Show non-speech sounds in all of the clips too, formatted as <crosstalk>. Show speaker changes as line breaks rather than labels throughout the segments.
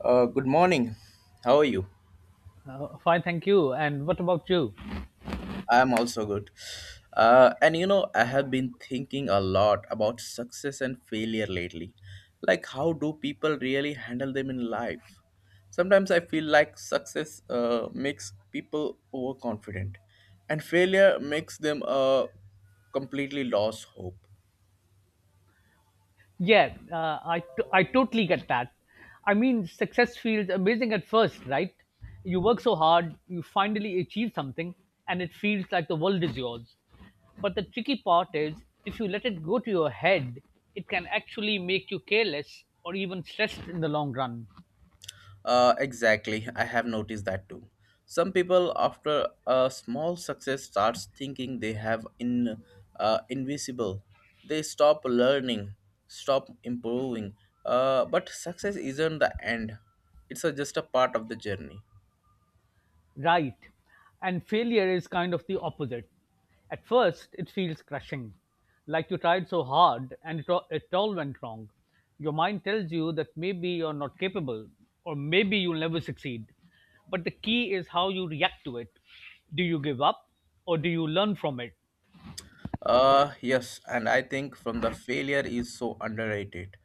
Good morning. How are you?
Fine, thank you. And what about you?
I'm also good. I have been thinking a lot about success and failure lately. Like, how do people really handle them in life? Sometimes I feel like success makes people overconfident, and failure makes them completely lose hope.
Yeah, I totally get that. I mean, success feels amazing at first, right? You work so hard, you finally achieve something, and it feels like the world is yours. But the tricky part is if you let it go to your head, it can actually make you careless or even stressed in the long run.
Exactly, I have noticed that too. Some people, after a small success, starts thinking they have in invisible. They stop learning, stop improving. But success isn't the end; it's a, just a part of the journey.
Right. And failure is kind of the opposite. At first, it feels crushing, like you tried so hard and it all went wrong. Your mind tells you that maybe you're not capable, or maybe you'll never succeed. But the key is how you react to it. Do you give up, or do you learn from it?
Yes, and I think from the failure is so underrated.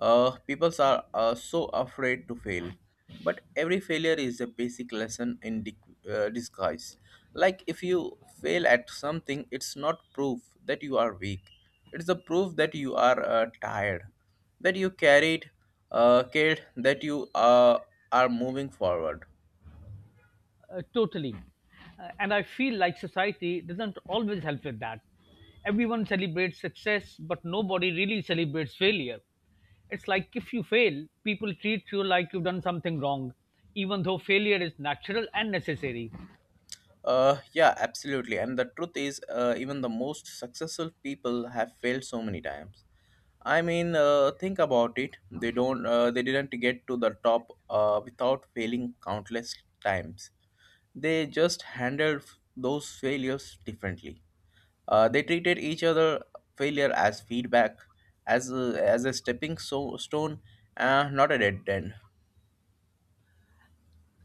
People are so afraid to fail, but every failure is a basic lesson in disguise. Like if you fail at something, it's not proof that you are weak. It's the proof that you are tired, that you carried, cared, that you are moving forward.
Totally. And I feel like society doesn't always help with that. Everyone celebrates success, but nobody really celebrates failure. It's like if you fail, people treat you like you've done something wrong, even though failure is natural and necessary.
Yeah, absolutely. And the truth is, even the most successful people have failed so many times. I mean, think about it. They don't. They didn't get to the top without failing countless times. They just handled those failures differently. They treated each other failure as feedback, as a stepping stone, not a dead end.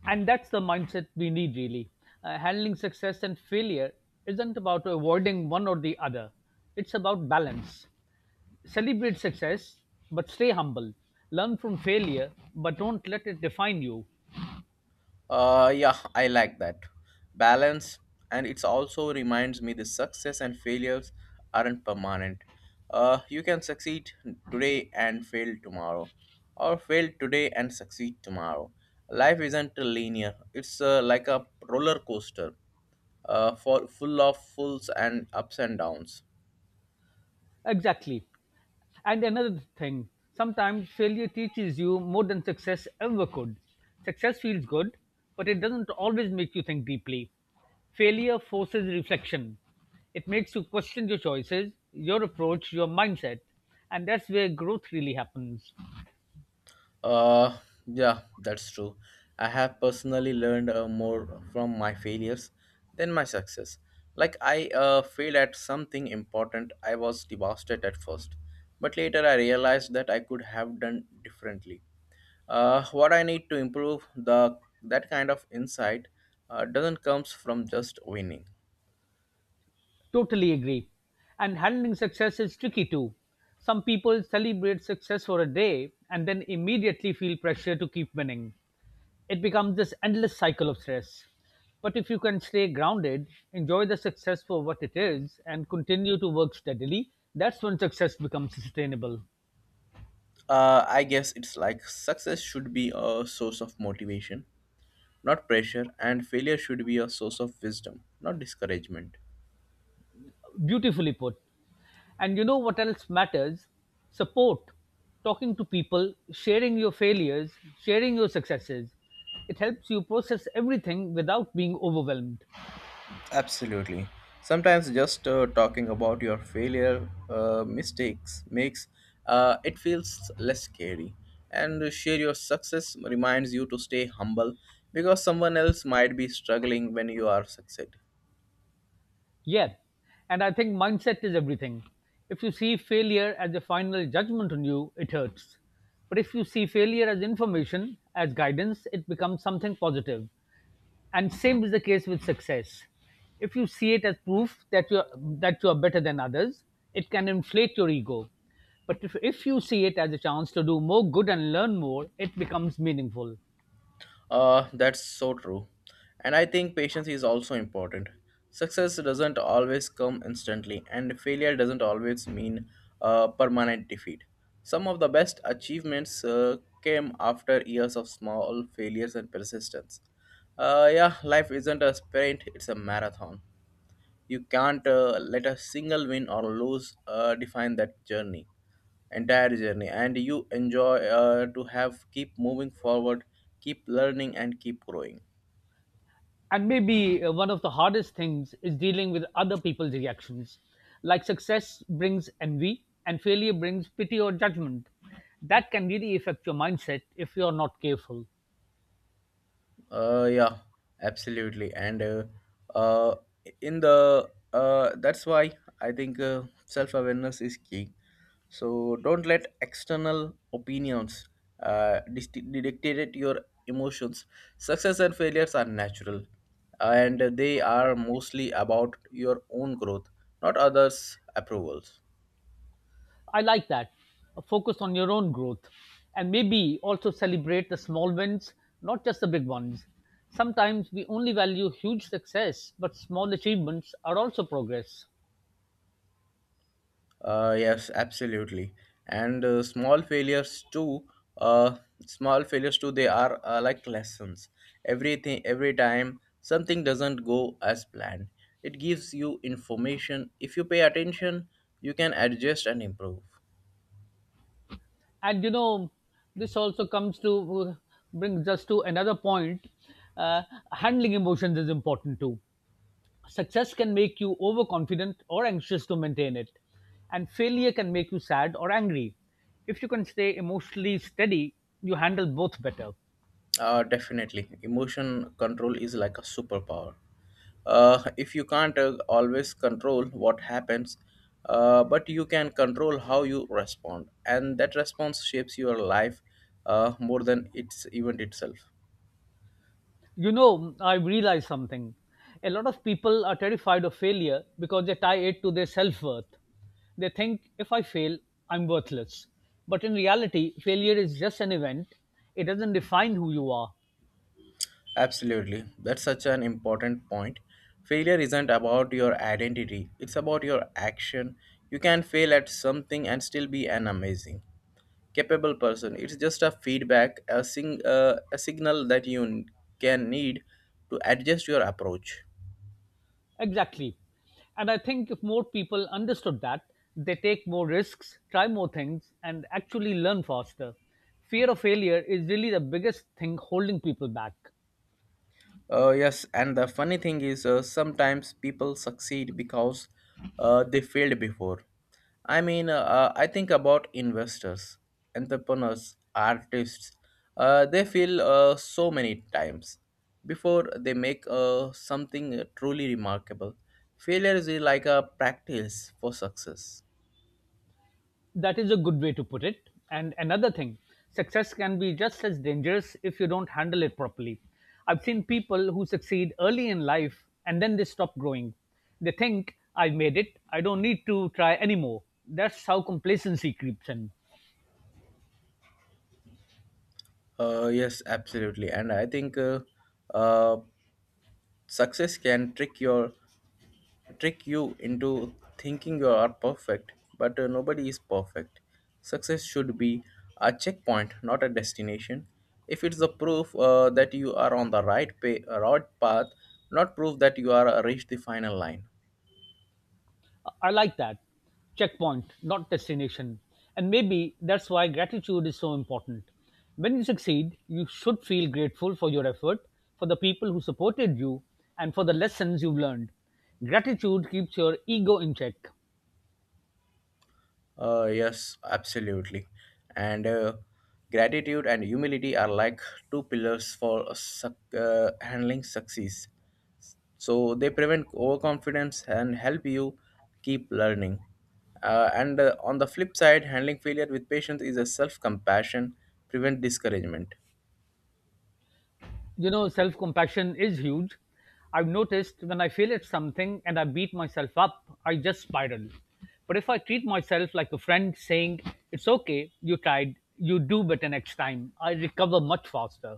And that's the mindset we need, really. Handling success and failure isn't about avoiding one or the other, it's about balance. Celebrate success, but stay humble. Learn from failure, but don't let it define you.
Yeah, I like that balance, and it also reminds me the success and failures aren't permanent. You can succeed today and fail tomorrow, or fail today and succeed tomorrow. Life isn't linear; it's like a roller coaster, for full of fulls and ups and downs.
Exactly. And another thing, sometimes failure teaches you more than success ever could. Success feels good, but it doesn't always make you think deeply. Failure forces reflection. It makes you question your choices, your approach, your mindset. And that's where growth really happens.
Uh, yeah, that's true. I have personally learned more from my failures than my success. Like, I failed at something important, I was devastated at first, but later I realized that I could have done differently. What I need to improve the that kind of insight doesn't comes from just winning.
Totally agree. And handling success is tricky too. Some people celebrate success for a day and then immediately feel pressure to keep winning. It becomes this endless cycle of stress. But if you can stay grounded, enjoy the success for what it is, and continue to work steadily, that's when success becomes sustainable.
I guess it's like success should be a source of motivation, not pressure, and failure should be a source of wisdom, not discouragement.
Beautifully put. And you know what else matters? Support. Talking to people, sharing your failures, sharing your successes. It helps you process everything without being overwhelmed.
Absolutely. Sometimes just talking about your failure mistakes makes it feels less scary. And to share your success reminds you to stay humble because someone else might be struggling when you are succeed.
Yeah, and I think mindset is everything. If you see failure as a final judgment on you, it hurts. But if you see failure as information, as guidance, it becomes something positive. And same is the case with success. If you see it as proof that you are better than others, it can inflate your ego. But if you see it as a chance to do more good and learn more, it becomes meaningful.
That's so true. And I think patience is also important. Success doesn't always come instantly, and failure doesn't always mean permanent defeat. Some of the best achievements came after years of small failures and persistence. Yeah, life isn't a sprint, it's a marathon. You can't let a single win or lose define that journey, entire journey. And you enjoy to have keep moving forward, keep learning, and keep growing.
And maybe one of the hardest things is dealing with other people's reactions. Like success brings envy and failure brings pity or judgment. That can really affect your mindset if you're not careful.
Yeah, absolutely. And uh, in the that's why I think self awareness is key. So don't let external opinions dictate your emotions. Success and failures are natural, and they are mostly about your own growth, not others' approvals.
I like that. Focus on your own growth and maybe also celebrate the small wins, not just the big ones. Sometimes we only value huge success, but small achievements are also progress.
Yes, absolutely. And small failures too. Uh, Small failures too. They are like lessons. Everything, every time something doesn't go as planned, it gives you information. If you pay attention, you can adjust and improve.
And you know this also comes to uh, brings us to another point, uh, handling emotions is important too. Success can make you overconfident or anxious to maintain it, and failure can make you sad or angry. If you can stay emotionally steady, you handle both better.
Definitely. Emotion control is like a superpower. If you can't always control what happens, but you can control how you respond, and that response shapes your life more than its event itself.
You know, I realized something. A lot of people are terrified of failure because they tie it to their self worth. They think if I fail, I'm worthless. But in reality, failure is just an event, it doesn't define who you are.
Absolutely. That's such an important point. Failure isn't about your identity, it's about your action. You can fail at something and still be an amazing, capable person. It's just a feedback, a signal that can need to adjust your approach.
Exactly. And I think if more people understood that, they take more risks, try more things, and actually learn faster. Fear of failure is really the biggest thing holding people back.
Yes, and the funny thing is, sometimes people succeed because they failed before. I mean, I think about investors, entrepreneurs, artists. They fail so many times before they make something truly remarkable. Failure is like a practice for success.
That is a good way to put it. And another thing, success can be just as dangerous if you don't handle it properly. I've seen people who succeed early in life and then they stop growing. They think, I've made it, I don't need to try anymore. That's how complacency creeps in.
Yes, absolutely, and I think uh, success can trick you into thinking you are perfect, but nobody is perfect. Success should be a checkpoint, not a destination. If it's the proof that you are on right path, not proof that you are reached the final line.
I like that. Checkpoint, not destination. And maybe that's why gratitude is so important. When you succeed, you should feel grateful for your effort, for the people who supported you, and for the lessons you've learned. Gratitude keeps your ego in check.
Yes, absolutely, and gratitude and humility are like two pillars for handling success, so they prevent overconfidence and help you keep learning. And on the flip side, handling failure with patience is a self compassion, prevent discouragement.
You know, self compassion is huge. I've noticed when I fail at something and I beat myself up, I just spiral. But if I treat myself like a friend saying, it's okay, you tried, you do better next time, I recover much faster.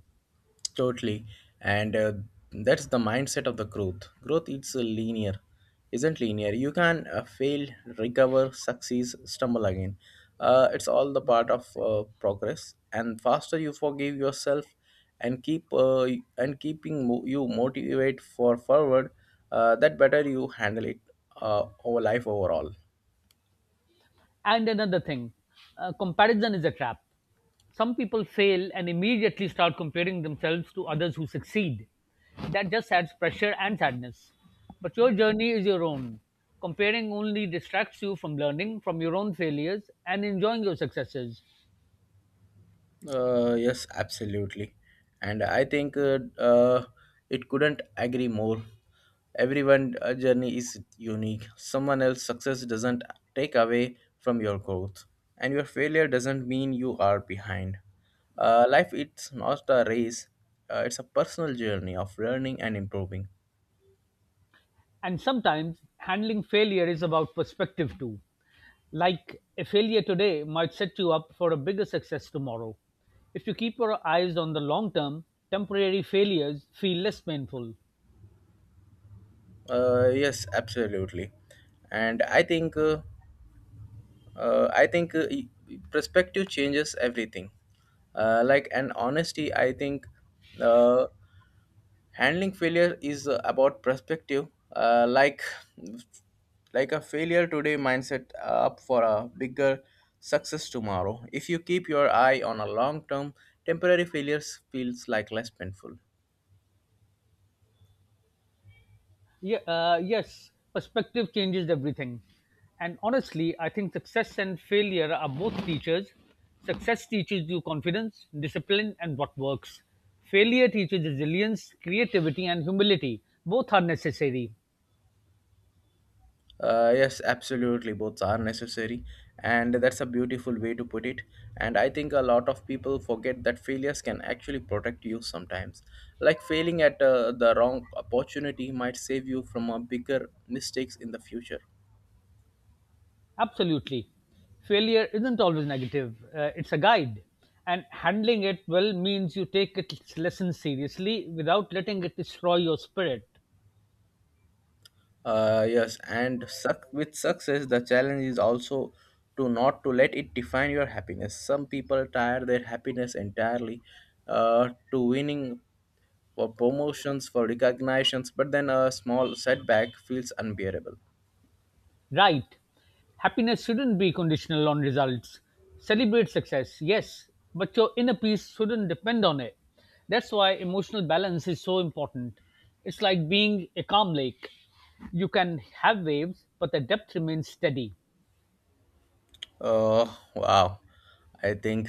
Totally. And that's the mindset of the growth. Growth isn't linear. You can fail, recover, succeed, stumble again. It's all the part of progress. And faster you forgive yourself and keeping you motivate for forward, that better you handle it over life overall.
And another thing, comparison is a trap. Some people fail and immediately start comparing themselves to others who succeed. That just adds pressure and sadness. But your journey is your own. Comparing only distracts you from learning from your own failures and enjoying your successes.
Yes, absolutely. And I think it couldn't agree more. Everyone's journey is unique. Someone else's success doesn't take away from your growth, and your failure doesn't mean you are behind. Life it's not a race, it's a personal journey of learning and improving.
And sometimes handling failure is about perspective too. Like a failure today might set you up for a bigger success tomorrow. If you keep your eyes on the long term, temporary failures feel less painful.
Yes, absolutely. And I think perspective changes everything. Like and honesty, I think uh, handling failure is about perspective. Uh, like like a failure today mindset up for a bigger success tomorrow. If you keep your eye on a long term, temporary failures feels like less painful.
Yeah, yes, perspective changes everything. And honestly, I think success and failure are both teachers. Success teaches you confidence, discipline, and what works. Failure teaches resilience, creativity, and humility. Both are necessary.
Yes, absolutely. Both are necessary. And that's a beautiful way to put it. And I think a lot of people forget that failures can actually protect you sometimes. Like failing at the wrong opportunity might save you from a bigger mistakes in the future.
Absolutely. Failure isn't always negative, it's a guide. And handling it well means you take its lessons seriously without letting it destroy your spirit.
Yes, and suc with success, the challenge is also to not to let it define your happiness. Some people tire their happiness entirely to winning, for promotions, for recognitions, but then a small setback feels unbearable.
Right. Happiness shouldn't be conditional on results. Celebrate success, yes, but your inner peace shouldn't depend on it. That's why emotional balance is so important. It's like being a calm lake. You can have waves, but the depth remains steady.
Oh, wow. I think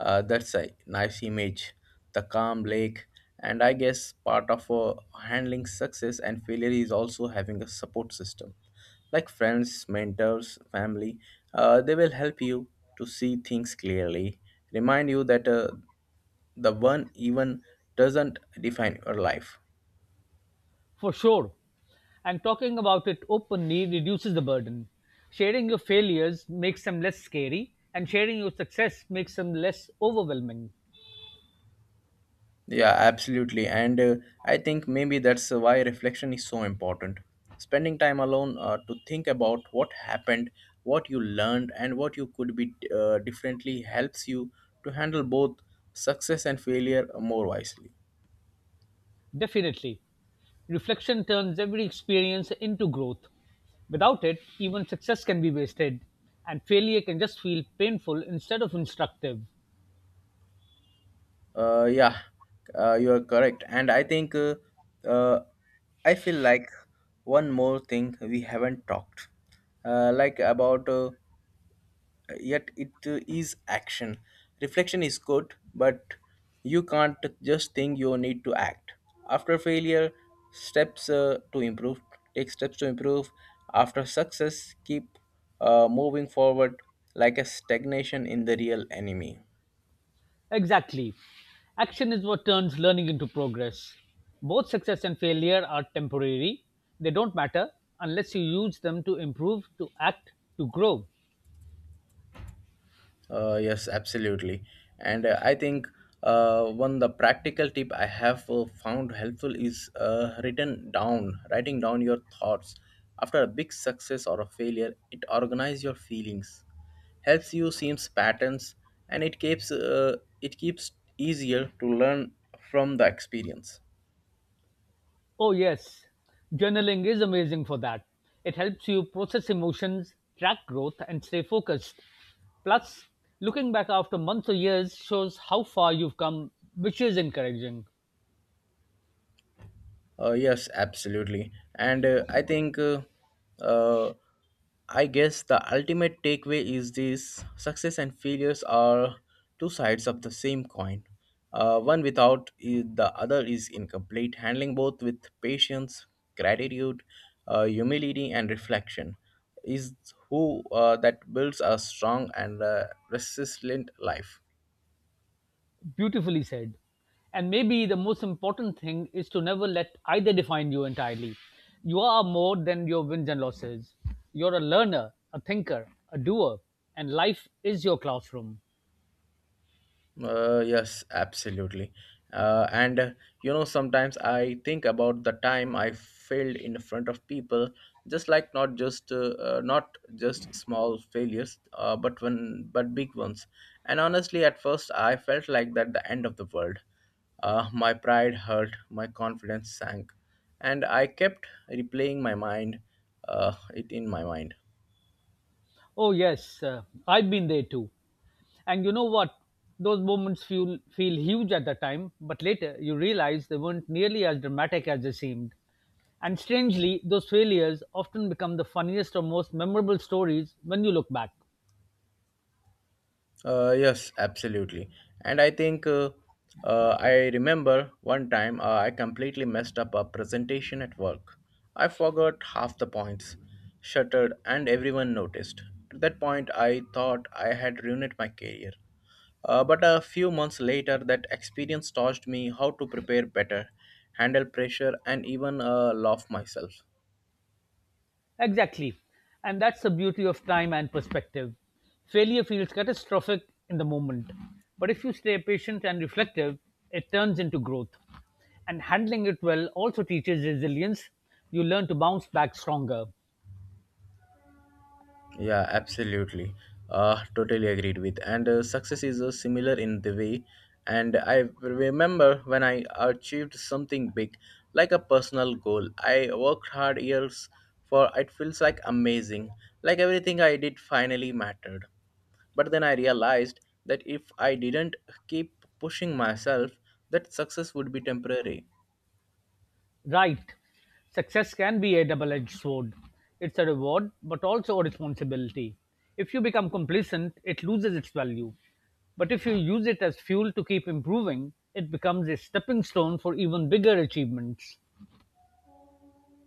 that's a nice image. The calm lake. And I guess part of handling success and failure is also having a support system. Like friends, mentors, family, they will help you to see things clearly, remind you that the one even doesn't define your life.
For sure. And talking about it openly reduces the burden. Sharing your failures makes them less scary, and sharing your success makes them less overwhelming.
Yeah, absolutely. And I think maybe that's why reflection is so important. Spending time alone to think about what happened, what you learned, and what you could be differently helps you to handle both success and failure more wisely.
Definitely. Reflection turns every experience into growth. Without it, even success can be wasted, and failure can just feel painful instead of instructive.
Uh, yeah, you are correct. And I think uh, I feel like one more thing we haven't talked, like about yet it is action. Reflection is good, but you can't just think, you need to act. After failure, steps to improve. Take steps to improve. After success, keep moving forward, like a stagnation in the real enemy.
Exactly. Action is what turns learning into progress. Both success and failure are temporary, they don't matter unless you use them to improve, to act, to grow.
Yes, absolutely. And I think one the practical tip I have found helpful is writing down your thoughts after a big success or a failure. It organizes your feelings, helps you seems patterns, and it keeps easier to learn from the experience.
Oh, yes. Journaling is amazing for that. It helps you process emotions, track growth, and stay focused. Plus, looking back after months or years shows how far you've come, which is encouraging.
Yes, absolutely. And I think, uh, I guess the ultimate takeaway is this: success and failures are two sides of the same coin. One without the other is incomplete. Handling both with patience, gratitude, humility, and reflection is who that builds a strong and resilient life.
Beautifully said. And maybe the most important thing is to never let either define you entirely. You are more than your wins and losses. You're a learner, a thinker, a doer, and life is your classroom.
Yes, absolutely. And you know, sometimes I think about the time I failed in front of people, just like not just small failures, but when but big ones. And honestly, at first, I felt like that the end of the world. My pride hurt, my confidence sank, and I kept replaying my mind, it in my mind.
Oh yes, I've been there too. And you know what? Those moments feel huge at the time, but later you realize they weren't nearly as dramatic as they seemed. And strangely, those failures often become the funniest or most memorable stories when you look back.
Yes, absolutely. And I think I remember one time I completely messed up a presentation at work. I forgot half the points, shuttered, and everyone noticed. At that point, I thought I had ruined my career. But a few months later, that experience taught me how to prepare better, handle pressure, and even love myself.
Exactly. And that's the beauty of time and perspective. Failure feels catastrophic in the moment, but if you stay patient and reflective, it turns into growth. And handling it well also teaches resilience. You learn to bounce back stronger.
Yeah, absolutely. Totally agreed with. And success is similar in the way. And I remember when I achieved something big, like a personal goal. I worked hard years for it, feels like amazing. Like everything I did finally mattered. But then I realized that if I didn't keep pushing myself, that success would be temporary.
Right. Success can be a double edged sword. It's a reward, but also a responsibility. If you become complacent, it loses its value. But if you use it as fuel to keep improving, it becomes a stepping stone for even bigger achievements.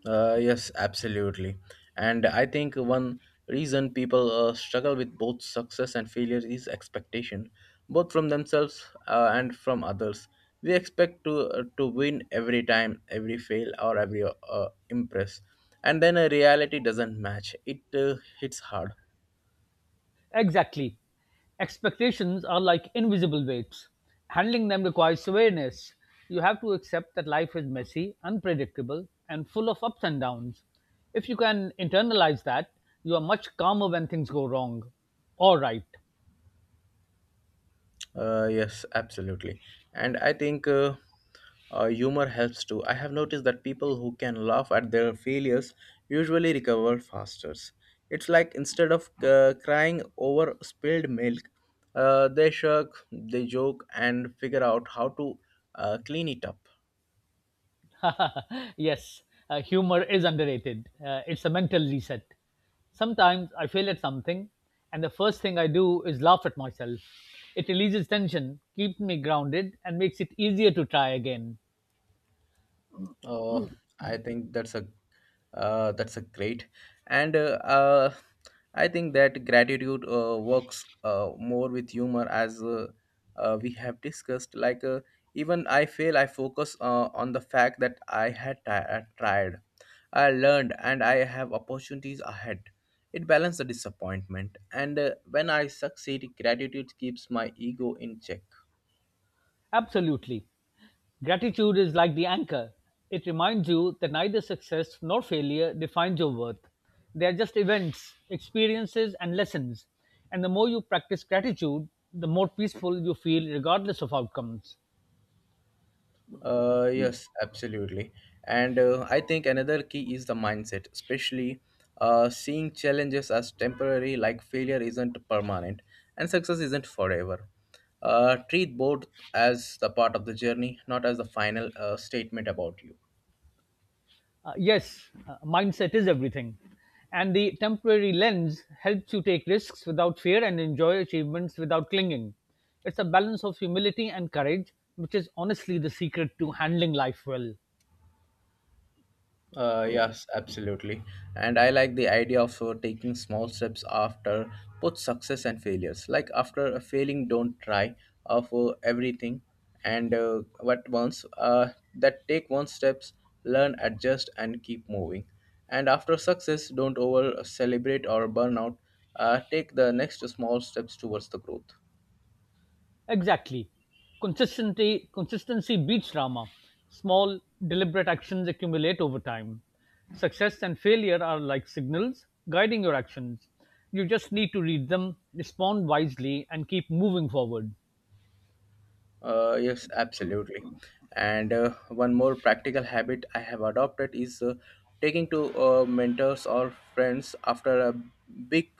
Yes, absolutely. And I think one reason people struggle with both success and failure is expectation, both from themselves and from others. We expect to win every time, every fail, or every impress, and then a reality doesn't match. It hits hard.
Exactly. Expectations are like invisible weights. Handling them requires awareness. You have to accept that life is messy, unpredictable, and full of ups and downs. If you can internalize that, you are much calmer when things go wrong or right.
Yes, absolutely. And I think humor helps too. I have noticed that people who can laugh at their failures usually recover faster. It's like instead of crying over spilled milk, they shrug, they joke, and figure out how to clean it up.
<laughs> Yes, humor is underrated. It's a mental reset. Sometimes I fail at something, and the first thing I do is laugh at myself. It releases tension, keeps me grounded, and makes it easier to try again.
Oh, I think that's a great. And I think that gratitude works more with humor, as we have discussed. Like even I fail, I focus on the fact that I had tried, I learned, and I have opportunities ahead. It balances the disappointment, and when I succeed, gratitude keeps my ego in check.
Absolutely. Gratitude is like the anchor. It reminds you that neither success nor failure defines your worth. They are just events, experiences, and lessons. And the more you practice gratitude, the more peaceful you feel, regardless of outcomes.
Yes, absolutely. And I think another key is the mindset, especially seeing challenges as temporary, like failure isn't permanent and success isn't forever. Treat both as the part of the journey, not as the final statement about you.
Yes, mindset is everything. And the temporary lens helps you take risks without fear and enjoy achievements without clinging. It's a balance of humility and courage, which is honestly the secret to handling life well.
Yes, absolutely. And I like the idea of taking small steps after both success and failures. Like after a failing, don't try for everything. And what once that take one steps, learn, adjust, and keep moving. And after success, don't over celebrate or burn out. Take the next small steps towards the growth.
Exactly. Consistency beats drama. Small, deliberate actions accumulate over time. Success and failure are like signals guiding your actions. You just need to read them, respond wisely, and keep moving forward.
Yes, absolutely. And one more practical habit I have adopted is taking to mentors or friends after a big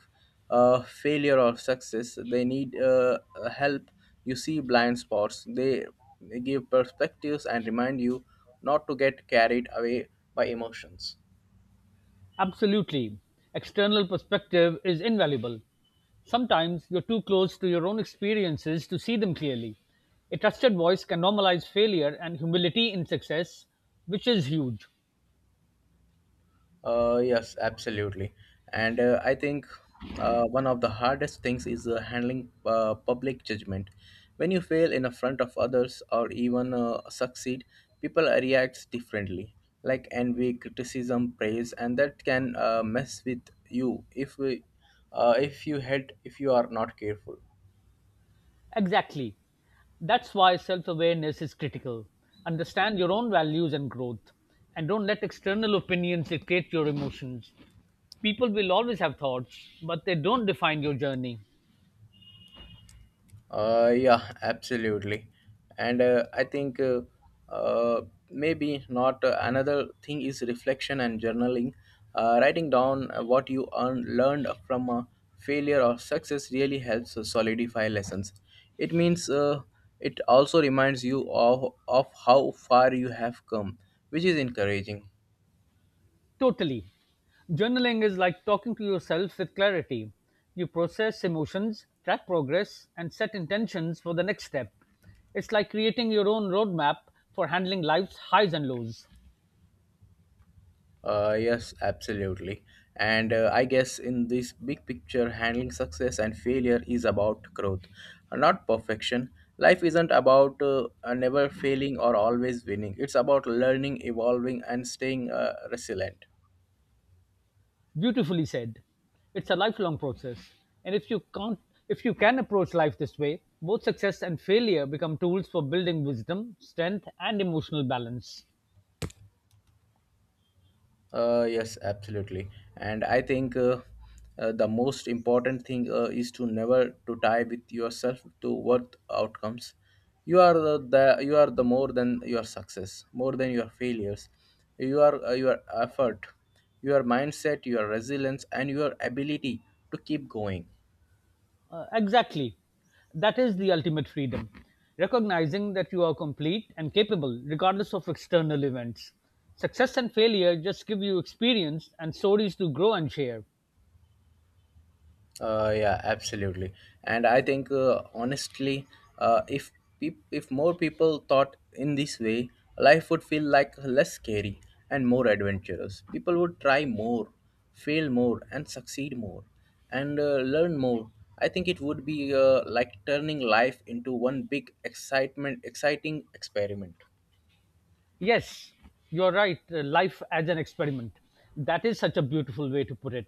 failure or success. They need help. You see blind spots. They give perspectives and remind you not to get carried away by emotions.
Absolutely. External perspective is invaluable. Sometimes you're too close to your own experiences to see them clearly. A trusted voice can normalize failure and humility in success, which is huge.
Yes, absolutely. And I think one of the hardest things is handling public judgment. When you fail in the front of others or even succeed, people react differently, like envy, criticism, praise, and that can mess with you if you head if you are not careful.
Exactly. That's why self awareness is critical. Understand your own values and growth, and don't let external opinions dictate your emotions. People will always have thoughts, but they don't define your journey.
Yeah, absolutely. And I think uh, maybe not another thing is reflection and journaling. Writing down what you learned from a failure or success really helps solidify lessons. It means it also reminds you of how far you have come, which is encouraging.
Totally. Journaling is like talking to yourself with clarity. You process emotions, track progress, and set intentions for the next step. It's like creating your own roadmap for handling life's highs and lows.
Yes, absolutely. And I guess in this big picture, handling success and failure is about growth, not perfection. Life isn't about never failing or always winning. It's about learning, evolving, and staying resilient.
Beautifully said. It's a lifelong process. And if you can approach life this way, both success and failure become tools for building wisdom, strength, and emotional balance.
Yes, absolutely. And I think the most important thing is to never to tie with yourself to what outcomes. You are the you are the more than your success, more than your failures. You are your effort, your mindset, your resilience, and your ability to keep going.
Exactly. That is the ultimate freedom. Recognizing that you are complete and capable regardless of external events. Success and failure just give you experience and stories to grow and share.
Yeah, absolutely. And I think honestly, if peop if more people thought in this way, life would feel like less scary and more adventurous. People would try more, fail more, and succeed more, and learn more. I think it would be like turning life into one big excitement, exciting experiment.
Yes, you're right. Life as an experiment. That is such a beautiful way to put it.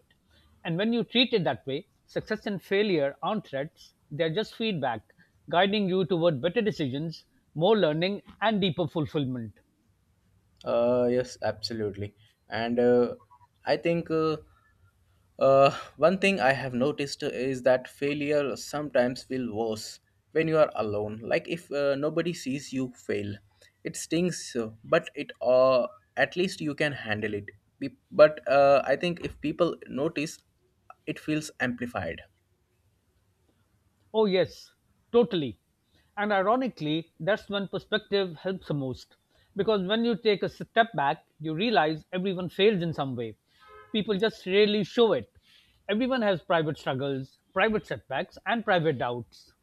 And when you treat it that way, success and failure aren't threats, they're just feedback, guiding you toward better decisions, more learning, and deeper fulfillment.
Yes, absolutely. And I think. Uh, One thing I have noticed is that failure sometimes feels worse when you are alone. Like if nobody sees you fail, it stings, but it at least you can handle it. But I think if people notice, it feels amplified.
Oh, yes, totally. And ironically, that's when perspective helps the most. Because when you take a step back, you realize everyone fails in some way. People just rarely show it. Everyone has private struggles, private setbacks, and private doubts.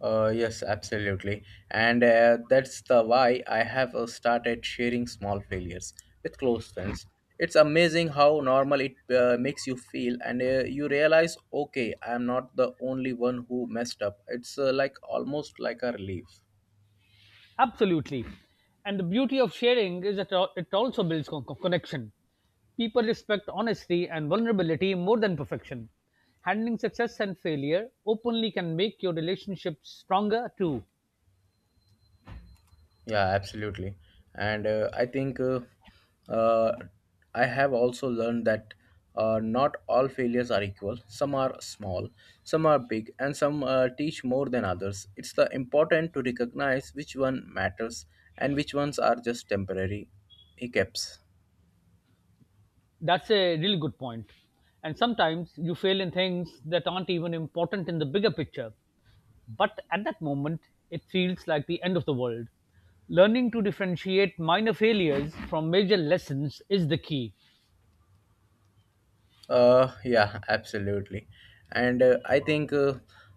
Yes, absolutely. And that's the why I have started sharing small failures with close friends. It's amazing how normal it makes you feel, and you realize, okay, I'm not the only one who messed up. It's like almost like a relief.
Absolutely. And the beauty of sharing is that it also builds connection. People respect honesty and vulnerability more than perfection. Handling success and failure openly can make your relationship stronger too.
Yeah, absolutely. And I think uh, I have also learned that not all failures are equal. Some are small, some are big, and some teach more than others. It's the important to recognize which one matters and which ones are just temporary hiccups.
That's a really good point. And sometimes you fail in things that aren't even important in the bigger picture. But at that moment, it feels like the end of the world. Learning to differentiate minor failures from major lessons is the key.
Yeah, absolutely. And I think uh,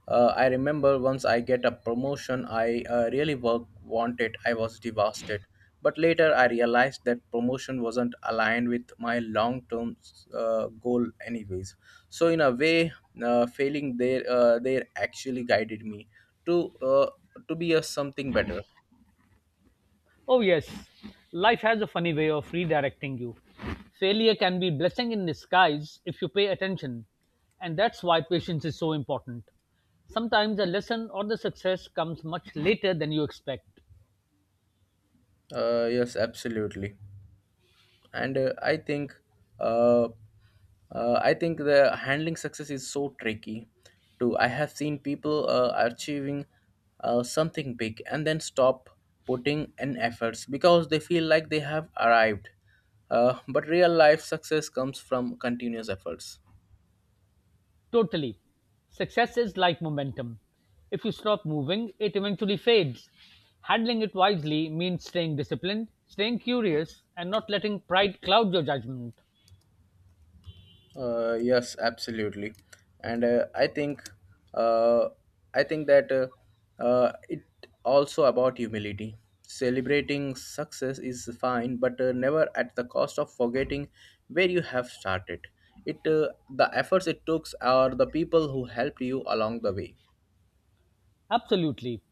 uh, I remember once I get a promotion, I really work wanted. I was devastated, but later I realized that promotion wasn't aligned with my long-term goal, anyways. So in a way, failing there actually guided me to uh, to be a something better.
Oh, yes, life has a funny way of redirecting you. Failure can be blessing in disguise if you pay attention. And that's why patience is so important. Sometimes a lesson or the success comes much later than you expect.
Yes, absolutely. And I think uh, I think the handling success is so tricky too. I have seen people achieving something big and then stop putting in efforts because they feel like they have arrived, but real life success comes from continuous efforts.
Totally. Success is like momentum. If you stop moving, it eventually fades. Handling it wisely means staying disciplined, staying curious, and not letting pride cloud your judgment.
Yes, absolutely, and uh, I think that it also about humility. Celebrating success is fine, but never at the cost of forgetting where you have started. It the efforts it took or the people who helped you along the way.
Absolutely.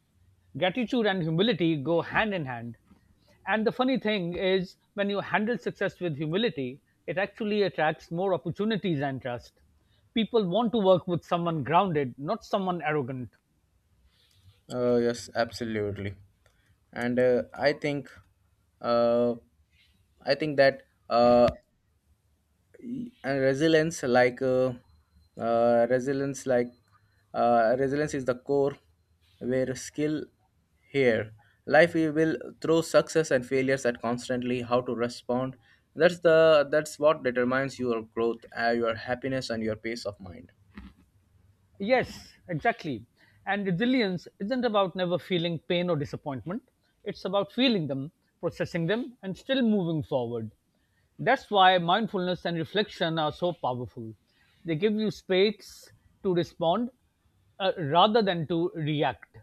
Gratitude and humility go hand in hand. And the funny thing is, when you handle success with humility, it actually attracts more opportunities and trust. People want to work with someone grounded, not someone arrogant.
Yes, absolutely, and uh, I think that uh, and resilience uh, resilience like resilience is the core where skill here life we will throw success and failures at constantly. How to respond, that's the that's what determines your growth, your happiness and your peace of mind.
Yes, exactly. And resilience isn't about never feeling pain or disappointment. It's about feeling them, processing them, and still moving forward. That's why mindfulness and reflection are so powerful. They give you space to respond, rather than to react.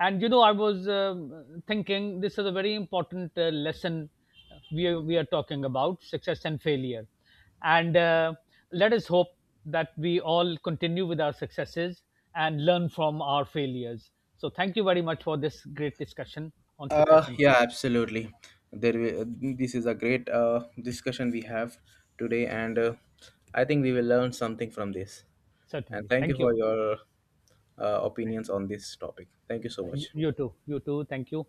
And you know, I was thinking, this is a very important lesson. We are talking about success and failure, and let us hope that we all continue with our successes and learn from our failures. So thank you very much for this great discussion on success and
Yeah,
failure.
absolutely. This is a great discussion we have today, and I think we will learn something from this. And
Certainly,
thank you
thank you.
for your opinions on this topic. Thank you so
You
much.
you too you too thank you.